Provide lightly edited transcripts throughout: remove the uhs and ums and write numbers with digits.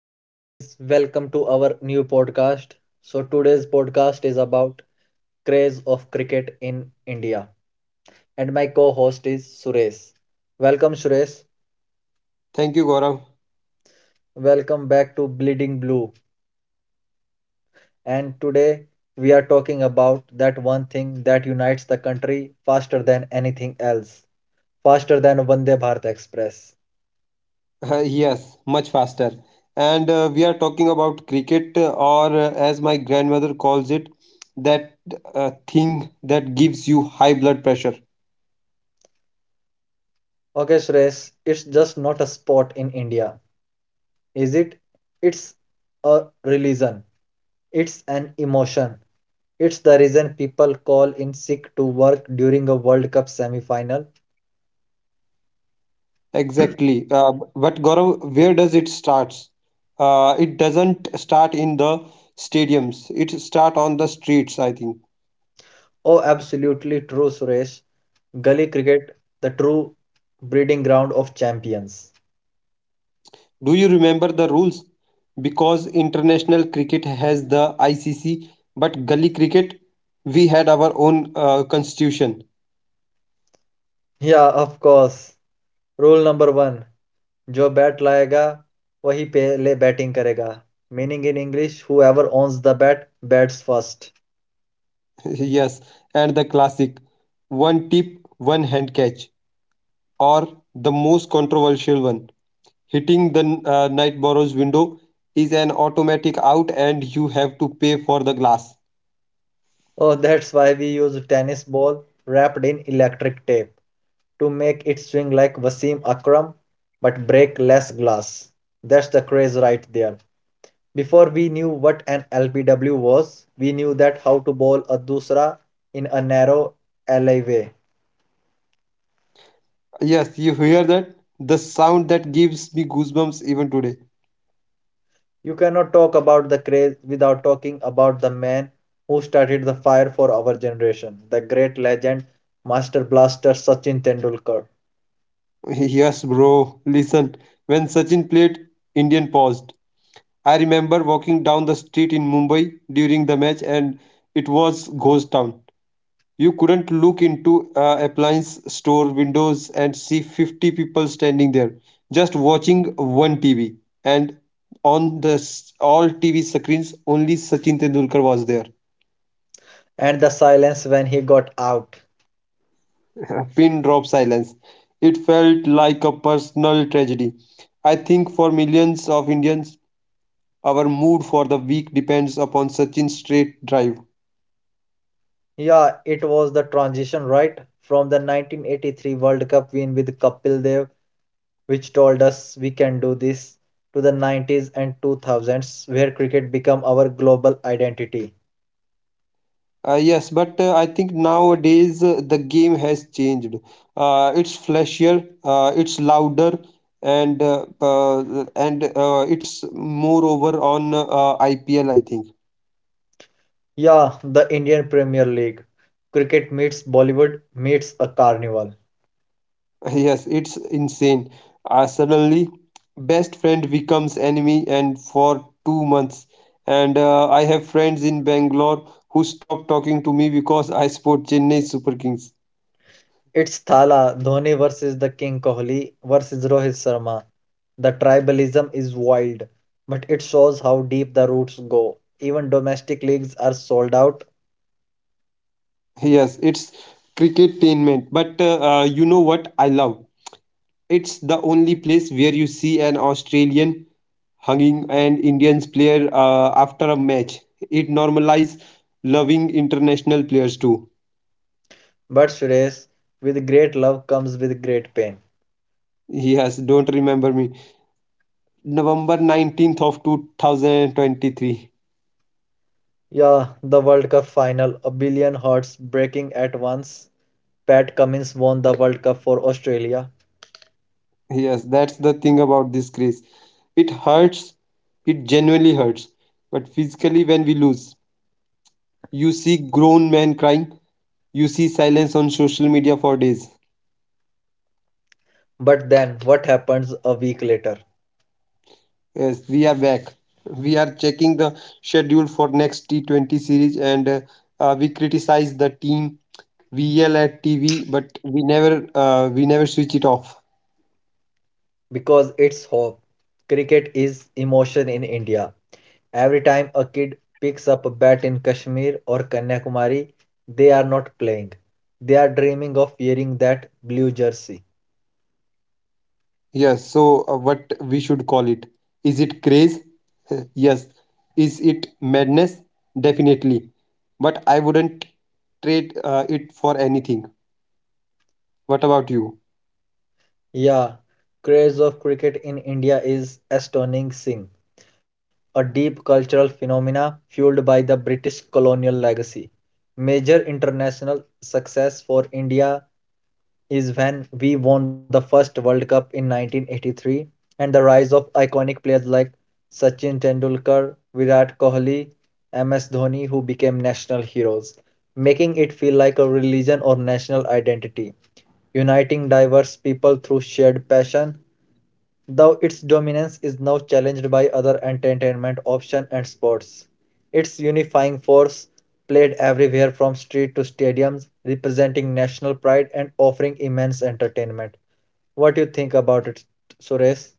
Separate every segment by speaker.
Speaker 1: Hello, guys, welcome to our new podcast. So, today's podcast is about craze of cricket in India, and my co host is Suresh. Welcome, Suresh.
Speaker 2: Thank you, Gaurav.
Speaker 1: Welcome back to Bleeding Blue. And today we are talking about that one thing that unites the country faster than anything else, faster than Vande Bharat Express.
Speaker 2: Yes, much faster. And we are talking about cricket, or as my grandmother calls it, that thing that gives you high blood pressure.
Speaker 1: Okay, Suresh, it's just not a sport in India, is it? It's a religion, it's an emotion. It's the reason people call in sick to work during a World Cup semi final.
Speaker 2: Exactly. But Gaurav, where does it starts? It doesn't start in the stadiums. It start on the streets, I think.
Speaker 1: Oh, absolutely true, Suresh. Gully cricket, the true breeding ground of champions.
Speaker 2: Do you remember the rules? Because international cricket has the ICC, but gully cricket, we had our own constitution.
Speaker 1: Yeah, of course. Rule number one: जो bat लाएगा वही पहले batting करेगा. Meaning in English whoever owns the bat bats.
Speaker 2: Yes, and the classic one tip, one hand catch, or the most controversial one, hitting the night borrow's window is an automatic out and you have to pay for the glass.
Speaker 1: Oh, that's why we use tennis ball wrapped in electric tape to make it swing like Wasim Akram but break less glass. That's the craze right there. Before we knew what an LPW was, we knew that how to bowl a dusra in a narrow alleyway.
Speaker 2: Yes, you hear that? The sound that gives me goosebumps even today.
Speaker 1: You cannot talk about the craze without talking about the man who started the fire for our generation, the great legend, master blaster Sachin Tendulkar,
Speaker 2: Yes, bro, listen. When Sachin played, Indian paused. I remember walking down the street in Mumbai during the match and it was ghost town. You couldn't look into a appliance store windows and see 50 people standing there, just watching one TV. And on the all TV screens, only Sachin Tendulkar was there.
Speaker 1: and the silence when he got out.
Speaker 2: Pin drop silence. It felt like a personal tragedy. I think for millions of Indians, our mood for the week depends upon Sachin's straight drive.
Speaker 1: Yeah, it was the transition, right? From the 1983 World Cup win with Kapil Dev, which told us we can do this, to the 90s and 2000s, where cricket became our global identity.
Speaker 2: Yes, but I think nowadays the game has changed. It's flashier, it's louder, and it's moreover on IPL, I think.
Speaker 1: Yeah, the Indian Premier League. Cricket meets Bollywood, meets a carnival.
Speaker 2: Yes, it's insane. Suddenly, best friend becomes enemy, and for two months, and I have friends in Bangalore who stopped talking to me because I support Chennai Super Kings.
Speaker 1: It's Thala, Dhoni versus the King Kohli versus Rohit Sharma. The tribalism is wild, but it shows how deep the roots go. Even domestic leagues are sold out.
Speaker 2: Yes, it's cricket tainment, but you know what I love. It's the only place where you see an Australian hugging an Indians player after a match. It normalizes loving international players too.
Speaker 1: But Suresh, with great love comes with great pain.
Speaker 2: Yes, don't remember me. November 19th of 2023.
Speaker 1: Yeah, the World Cup final, a billion hearts breaking at once. Pat Cummins won the World Cup for Australia.
Speaker 2: Yes, that's the thing about this craze. It hurts. It genuinely hurts. But physically, when we lose, you see grown men crying. You see silence on social media for days.
Speaker 1: But then, what happens a week later?
Speaker 2: Yes, we are back. We are checking the schedule for next T20 series and we criticize the team, we yell at TV, but we never switch it off.
Speaker 1: Because it's hope. Cricket is emotion in India. Every time a kid picks up a bat in Kashmir or Kanyakumari, they are not playing. They are dreaming of wearing that blue jersey.
Speaker 2: Yes, so what we should call it? Is it craze? Yes. Is it madness? Definitely. But I wouldn't trade it for anything. What about you?
Speaker 1: Yeah, craze of cricket in India is astonishing. A deep cultural phenomena fueled by the British colonial legacy. Major international success for India is when we won the first World Cup in 1983 and the rise of iconic players like Sachin Tendulkar, Virat Kohli, MS Dhoni who became national heroes, making it feel like a religion or national identity uniting diverse people through shared passion. Though its dominance is now challenged by other entertainment options and sports, its unifying force played everywhere from street to stadiums, representing national pride and offering immense entertainment. What do you think about it, Suresh?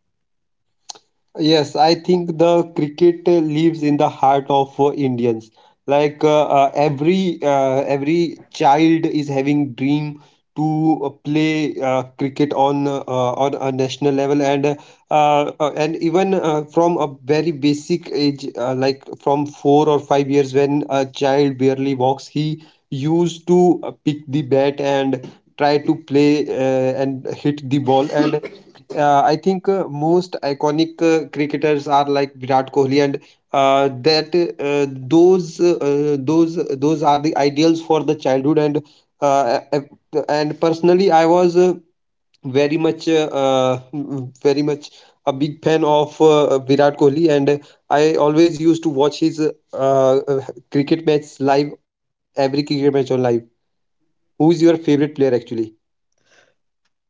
Speaker 2: Yes, I think the cricket lives in the heart of Indians. Every every child is having dream to play cricket on a national level and even from a very basic age, like from four or five years, when a child barely walks, he used to pick the bat and try to play and hit the ball and. I think most iconic cricketers are like Virat Kohli, and that those are the ideals for the childhood uh, uh, and personally, I was very much uh, uh, very much a big fan of Virat Kohli, and I always used to watch his cricket match live, every cricket match on live. Who is your favorite player actually?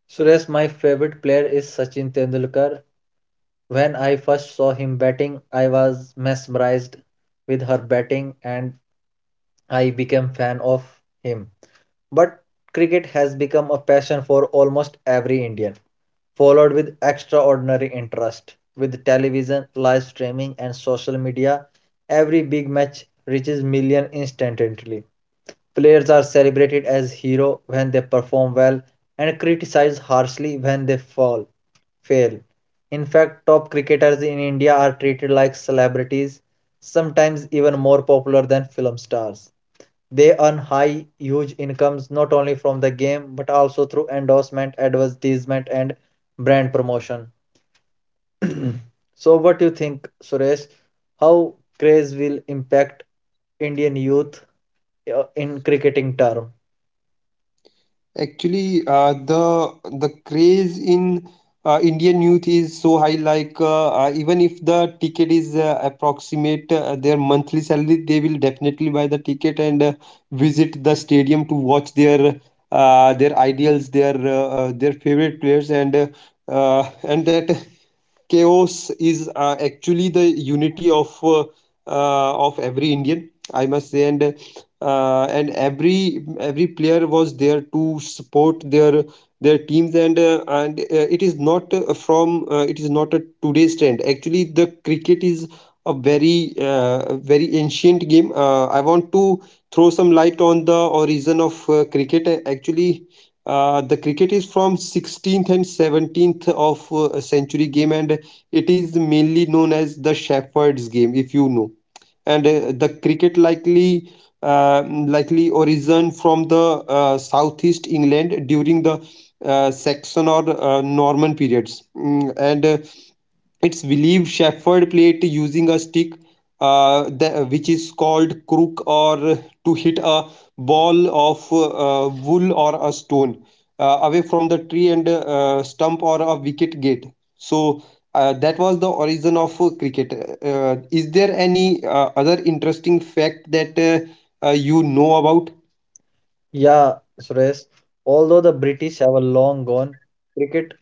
Speaker 1: Suresh, my favorite player is Sachin Tendulkar. When I first saw him batting, I was mesmerized with her batting and I became fan of him. But cricket has become a passion for almost every Indian, followed with extraordinary interest. With television, live streaming, and social media, every big match reaches millions instantly. Players are celebrated as heroes when they perform well and criticized harshly when they fall fail. In fact, top cricketers in India are treated like celebrities, sometimes even more popular than film stars. They earn high, huge incomes not only from the game but also through endorsement, advertisement, and brand promotion. So, what do you think, Suresh? How craze will impact Indian youth in cricketing term?
Speaker 2: Actually, the craze in Indian youth is so high. Even if the ticket is approximate their monthly salary, they will definitely buy the ticket and visit the stadium to watch their ideals, their favorite players, and that chaos is actually the unity of every Indian, I must say, and and every player was there to support their teams, and it is not from it is not a today's trend. Actually, the cricket is a very very ancient game. I want to throw some light on the origin of cricket. Actually, the cricket is from 16th and 17th of century game and it is mainly known as the Shepherd's game, if you know. And the cricket likely origin from the southeast England during the Saxon or Norman periods. And it's believed Shepherd played using a stick, which is called crook, or to hit a ball of wool or a stone away from the tree and stump or a wicket gate. So that was the origin of cricket. Is there any other interesting fact that you know about?
Speaker 1: Yeah, Suresh. Although the British have a long gone, cricket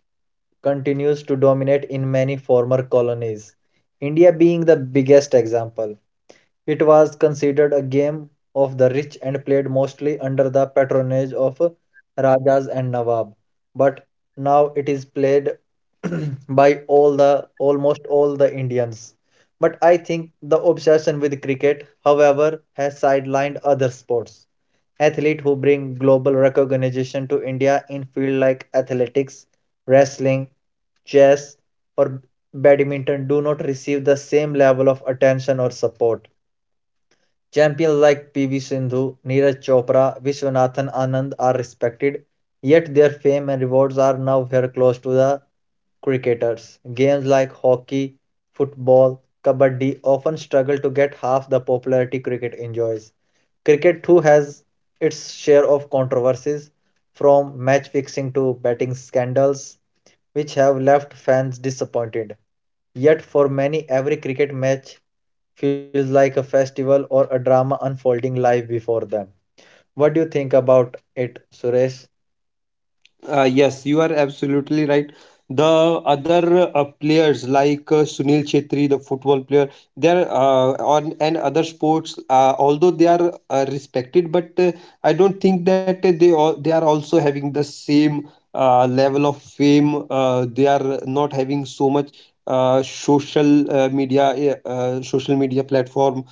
Speaker 1: continues to dominate in many former colonies, India being the biggest example. It was considered a game of the rich and played mostly under the patronage of rajas and nawab, but now it is played by all the almost all the Indians. But I think the obsession with cricket, however, has sidelined other sports athletes who bring global recognition to India in fields like athletics, wrestling, chess, or badminton do not receive the same level of attention or support. Champions like PV Sindhu, Neeraj Chopra, Vishwanathan Anand are respected, yet their fame and rewards are now very close to the cricketers. Games like hockey, football, kabaddi often struggle to get half the popularity cricket enjoys. Cricket too has its share of controversies, from match fixing to betting scandals, which have left fans disappointed. Yet, for many, every cricket match feels like a festival or a drama unfolding live before them. What do you think about it, Suresh?
Speaker 2: Yes, you are absolutely right. The other players like Sunil Chetri, the football player, they are on and other sports. Although they are respected, but I don't think that they are also having the same level of fame. They are not having so much social media platform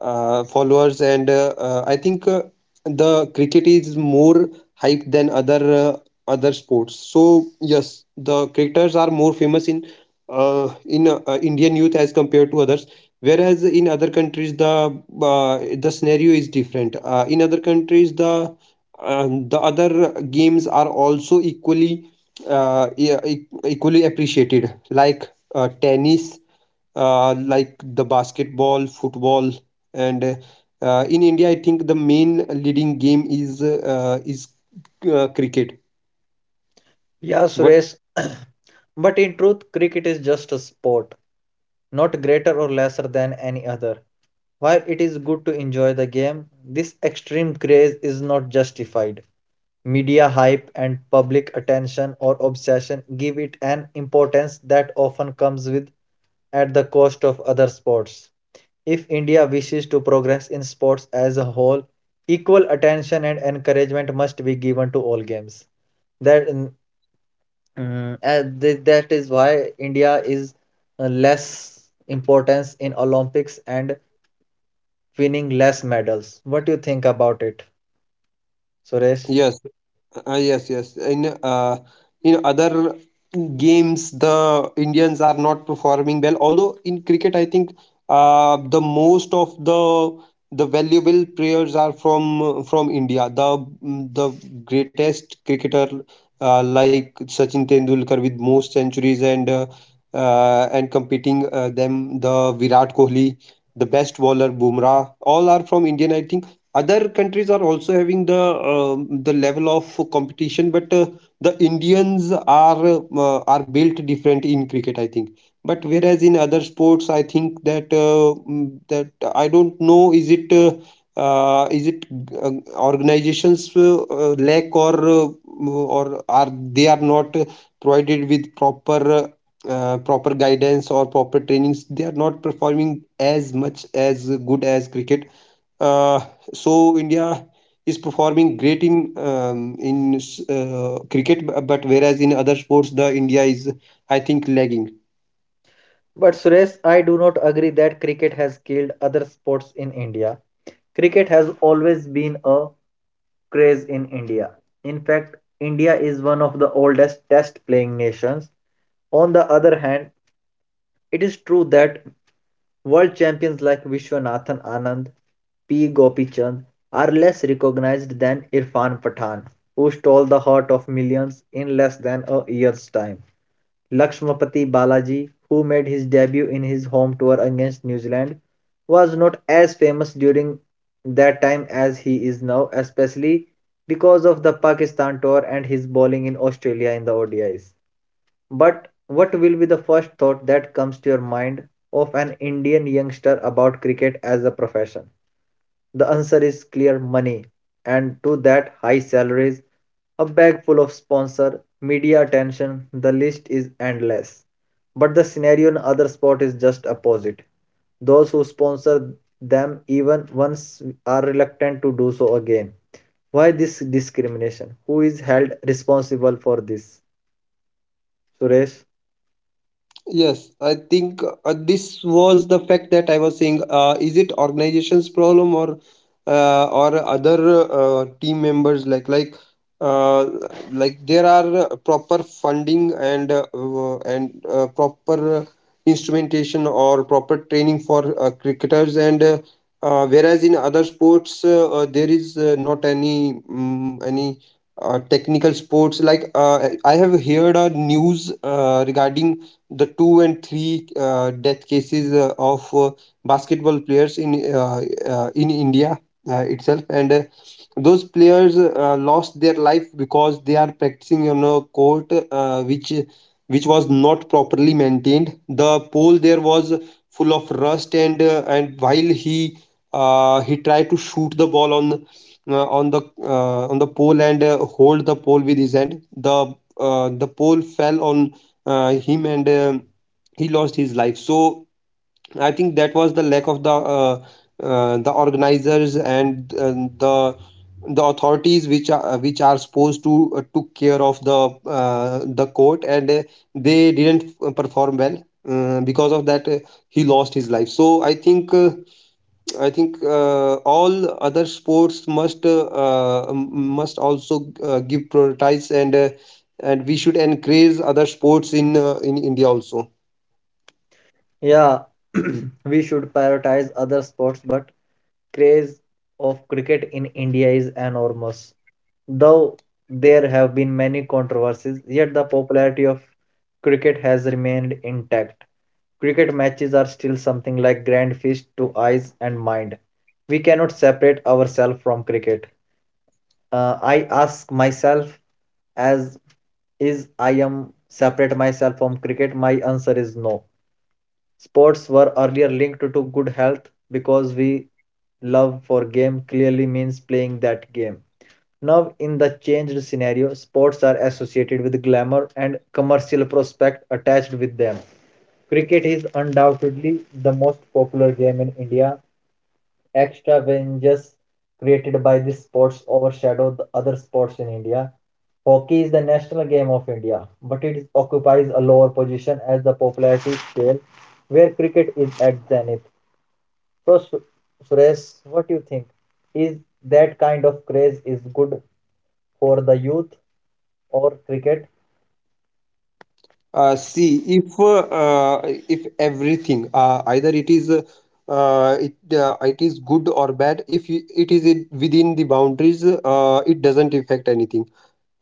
Speaker 2: followers, and I think the cricket is more hype than other sports. So yes, the cricketers are more famous in Indian youth as compared to others. Whereas in other countries, the scenario is different. In other countries, the other games are also equally equally appreciated, like tennis, like the basketball, football, and in India, I think the main leading game is cricket.
Speaker 1: Yeah,
Speaker 2: What?
Speaker 1: Suresh. But in truth, cricket is just a sport, not greater or lesser than any other. While it is good to enjoy the game, this extreme craze is not justified. Media hype and public attention or obsession give it an importance that often comes with at the cost of other sports. If India wishes to progress in sports as a whole, equal attention and encouragement must be given to all games. That mm, mm, th- That is why India is less importance in Olympics and winning less medals. What do you think about it, Suresh?
Speaker 2: Yes, yes, yes. In other games, the Indians are not performing well. Although in cricket, I think the most of the valuable players are from India. The greatest cricketer like Sachin Tendulkar with most centuries and competing them the Virat Kohli, the best bowler Bumrah, all are from Indian. I think other countries are also having the level of competition but the indians are built different in cricket I think but whereas in other sports I think that that I don't know is it uh, organizations lack or are they are not provided with proper proper guidance or proper trainings they are not performing as much as good as cricket uh, so India is performing great in cricket, but whereas in other sports, the India is I think lagging.
Speaker 1: But Suresh, I do not agree that cricket has killed other sports in India. Cricket has always been a craze in India. In fact, India is one of the oldest test playing nations. On the other hand, it is true that world champions like Vishwanathan Anand, P. Gopichand are less recognized than Irfan Pathan, who stole the heart of millions in less than a year's time. Lakshmapathy Balaji, who made his debut in his home tour against New Zealand, was not as famous during that time as he is now, especially because of the Pakistan tour and his bowling in Australia in the ODIs. But what will be the first thought that comes to your mind of an Indian youngster about cricket as a profession? The answer is clear money, and to that, high salaries, a bag full of sponsor, media attention, the list is endless. But the scenario in other sport is just opposite. Those who sponsor them even once are reluctant to do so again. Why this discrimination? Who is held responsible for this? Suresh?
Speaker 2: Yes, I think this was the fact that I was saying. Is it organization's problem or other team members like uh, like there are proper funding and and proper instrumentation or proper training for cricketers and whereas in other sports there is not any any technical sports like I have heard a news regarding the two and three death cases of basketball players in India itself, and those players lost their life because they are practicing on a court which was not properly maintained. The pole there was full of rust and while he he tried to shoot the ball on on the pole and hold the pole with his hand. The pole fell on him and he lost his life. So I think that was the lack of the organizers and the the authorities which are supposed to took care of the court and they didn't perform well. Because of that, he lost his life. So I think all other sports must must also give prioritize and we should encourage other sports in India also.
Speaker 1: Yeah, we should prioritize other sports, but craze of cricket in India is enormous. Though there have been many controversies, yet the popularity of cricket has remained intact. Cricket matches are still something like grand feast to eyes and mind. We cannot separate ourselves from cricket. I ask myself as is I am separate myself from cricket? My answer is no. Sports were earlier linked to good health because we love for game clearly means playing that game. Now, in the changed scenario, sports are associated with glamour and commercial prospect attached with them. Cricket is undoubtedly the most popular game in India. Extravagances created by this sports overshadow the other sports in India. Hockey is the national game of India, but it occupies a lower position as the popularity scale where cricket is at zenith. So, Suresh, what do you think? Is that kind of craze is good for the youth or cricket?
Speaker 2: See, if everything, either it is it is good or bad. If you- It is in, within the boundaries, it doesn't affect anything.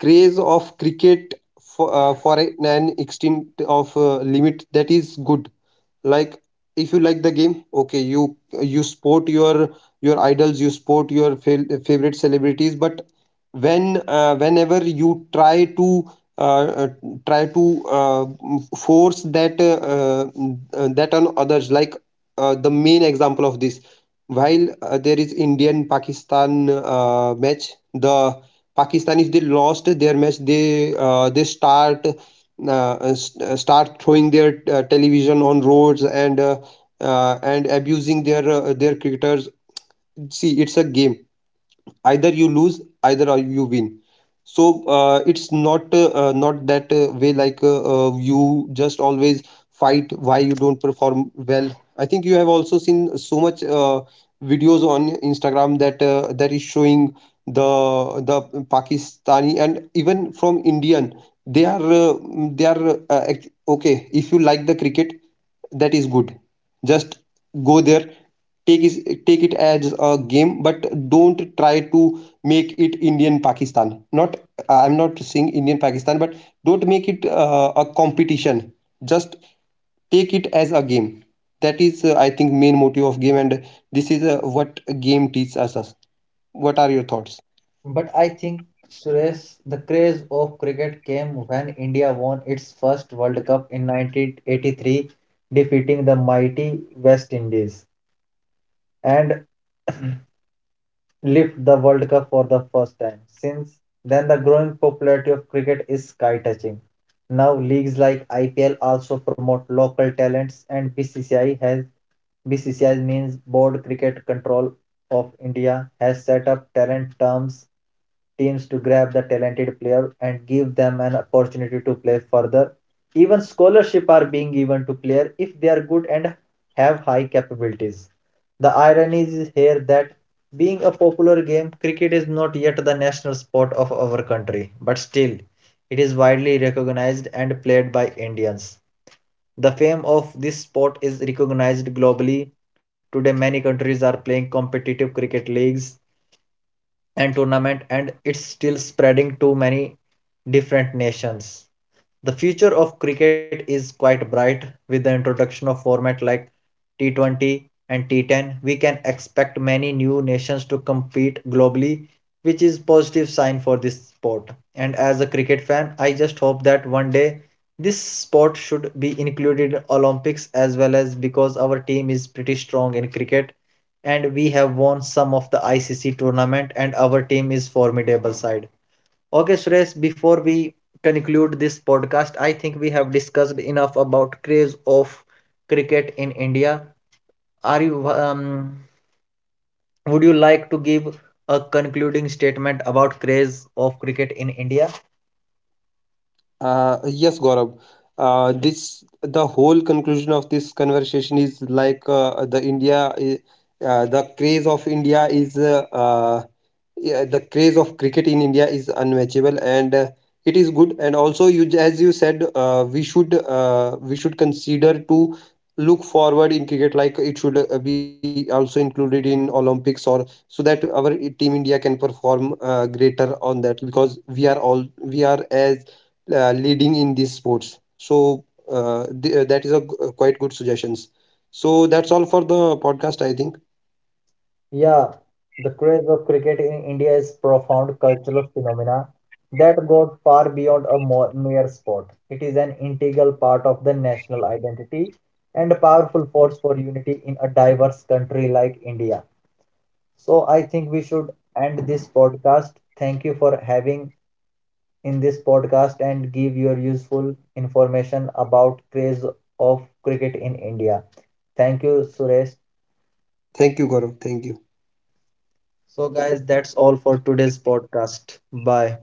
Speaker 2: Craze of cricket for an extent of limit, that is good. Like if you like the game, okay, you sport your idols, you sport your favorite celebrities, but when whenever you try to uh, uh, try to uh, force that that on others. Like the main example of this, while there is indian pakistan match, the pakistan, if they lost their match, they start start throwing their television on roads and abusing their cricketers. See, it's a game. Either you lose either or you win. So it's not that way. You just always fight, why you don't perform well. I think you have also seen so much videos on instagram that that is showing the pakistani and even from indian. they are uh, they are okay, if you like the cricket, that is good. Just go there, take is, take it as a game, but don't try to make it indian pakistan, not I'm not saying indian pakistan, but don't make it a competition. Just take it as a game. That is I think main motive of game, and this is what game teaches us. What are your thoughts?
Speaker 1: But I think Suresh, the craze of cricket came when India won its first World Cup in 1983, defeating the mighty West Indies. And lift the World Cup for the first time. Since then, the growing popularity of cricket is sky touching. Now, leagues like IPL also promote local talents, and BCCI means Board Cricket Control of India has set up talent terms teams to grab the talented player and give them an opportunity to play further. Even scholarship are being given to player if they are good and have high capabilities. The irony is here that being a popular game, cricket is not yet the national sport of our country, but still, it is widely recognized and played by Indians. The fame of this sport is recognized globally. Today, many countries are playing competitive cricket leagues and tournament and it's still spreading to many different nations. The future of cricket is quite bright with the introduction of format like T20 and T10. We can expect many new nations to compete globally, which is positive sign for this sport. And as a cricket fan, I just hope that one day this sport should be included in Olympics as well as because our team is pretty strong in cricket and we have won some of the ICC tournament and our team is formidable side. Okay, Suresh, before we conclude this podcast, I think we have discussed enough about craze of cricket in India. Are you would you like to give a concluding statement about craze of cricket in India?
Speaker 2: Yes, Gaurav. This, the whole conclusion of this conversation is like the craze of India is yeah, the craze of cricket in India is unmatchable, and it is good. And also, as you said, we should consider to look forward in cricket, like it should be also included in Olympics, or so that team India can perform greater on that because we are all we are as leading in these sports. So that is a quite good suggestions. So that's all for the podcast, I think.
Speaker 1: Yeah, the craze of cricket in India is profound cultural phenomena that goes far beyond a mere sport. It is an integral part of the national identity and a powerful force for unity in a diverse country like India. So I think we should end this podcast. Thank you for having in this podcast and give your useful information about craze of cricket in India. Thank you, Suresh.
Speaker 2: Thank you, Gaurav. Thank you.
Speaker 1: So, guys, that's all for today's podcast. Bye.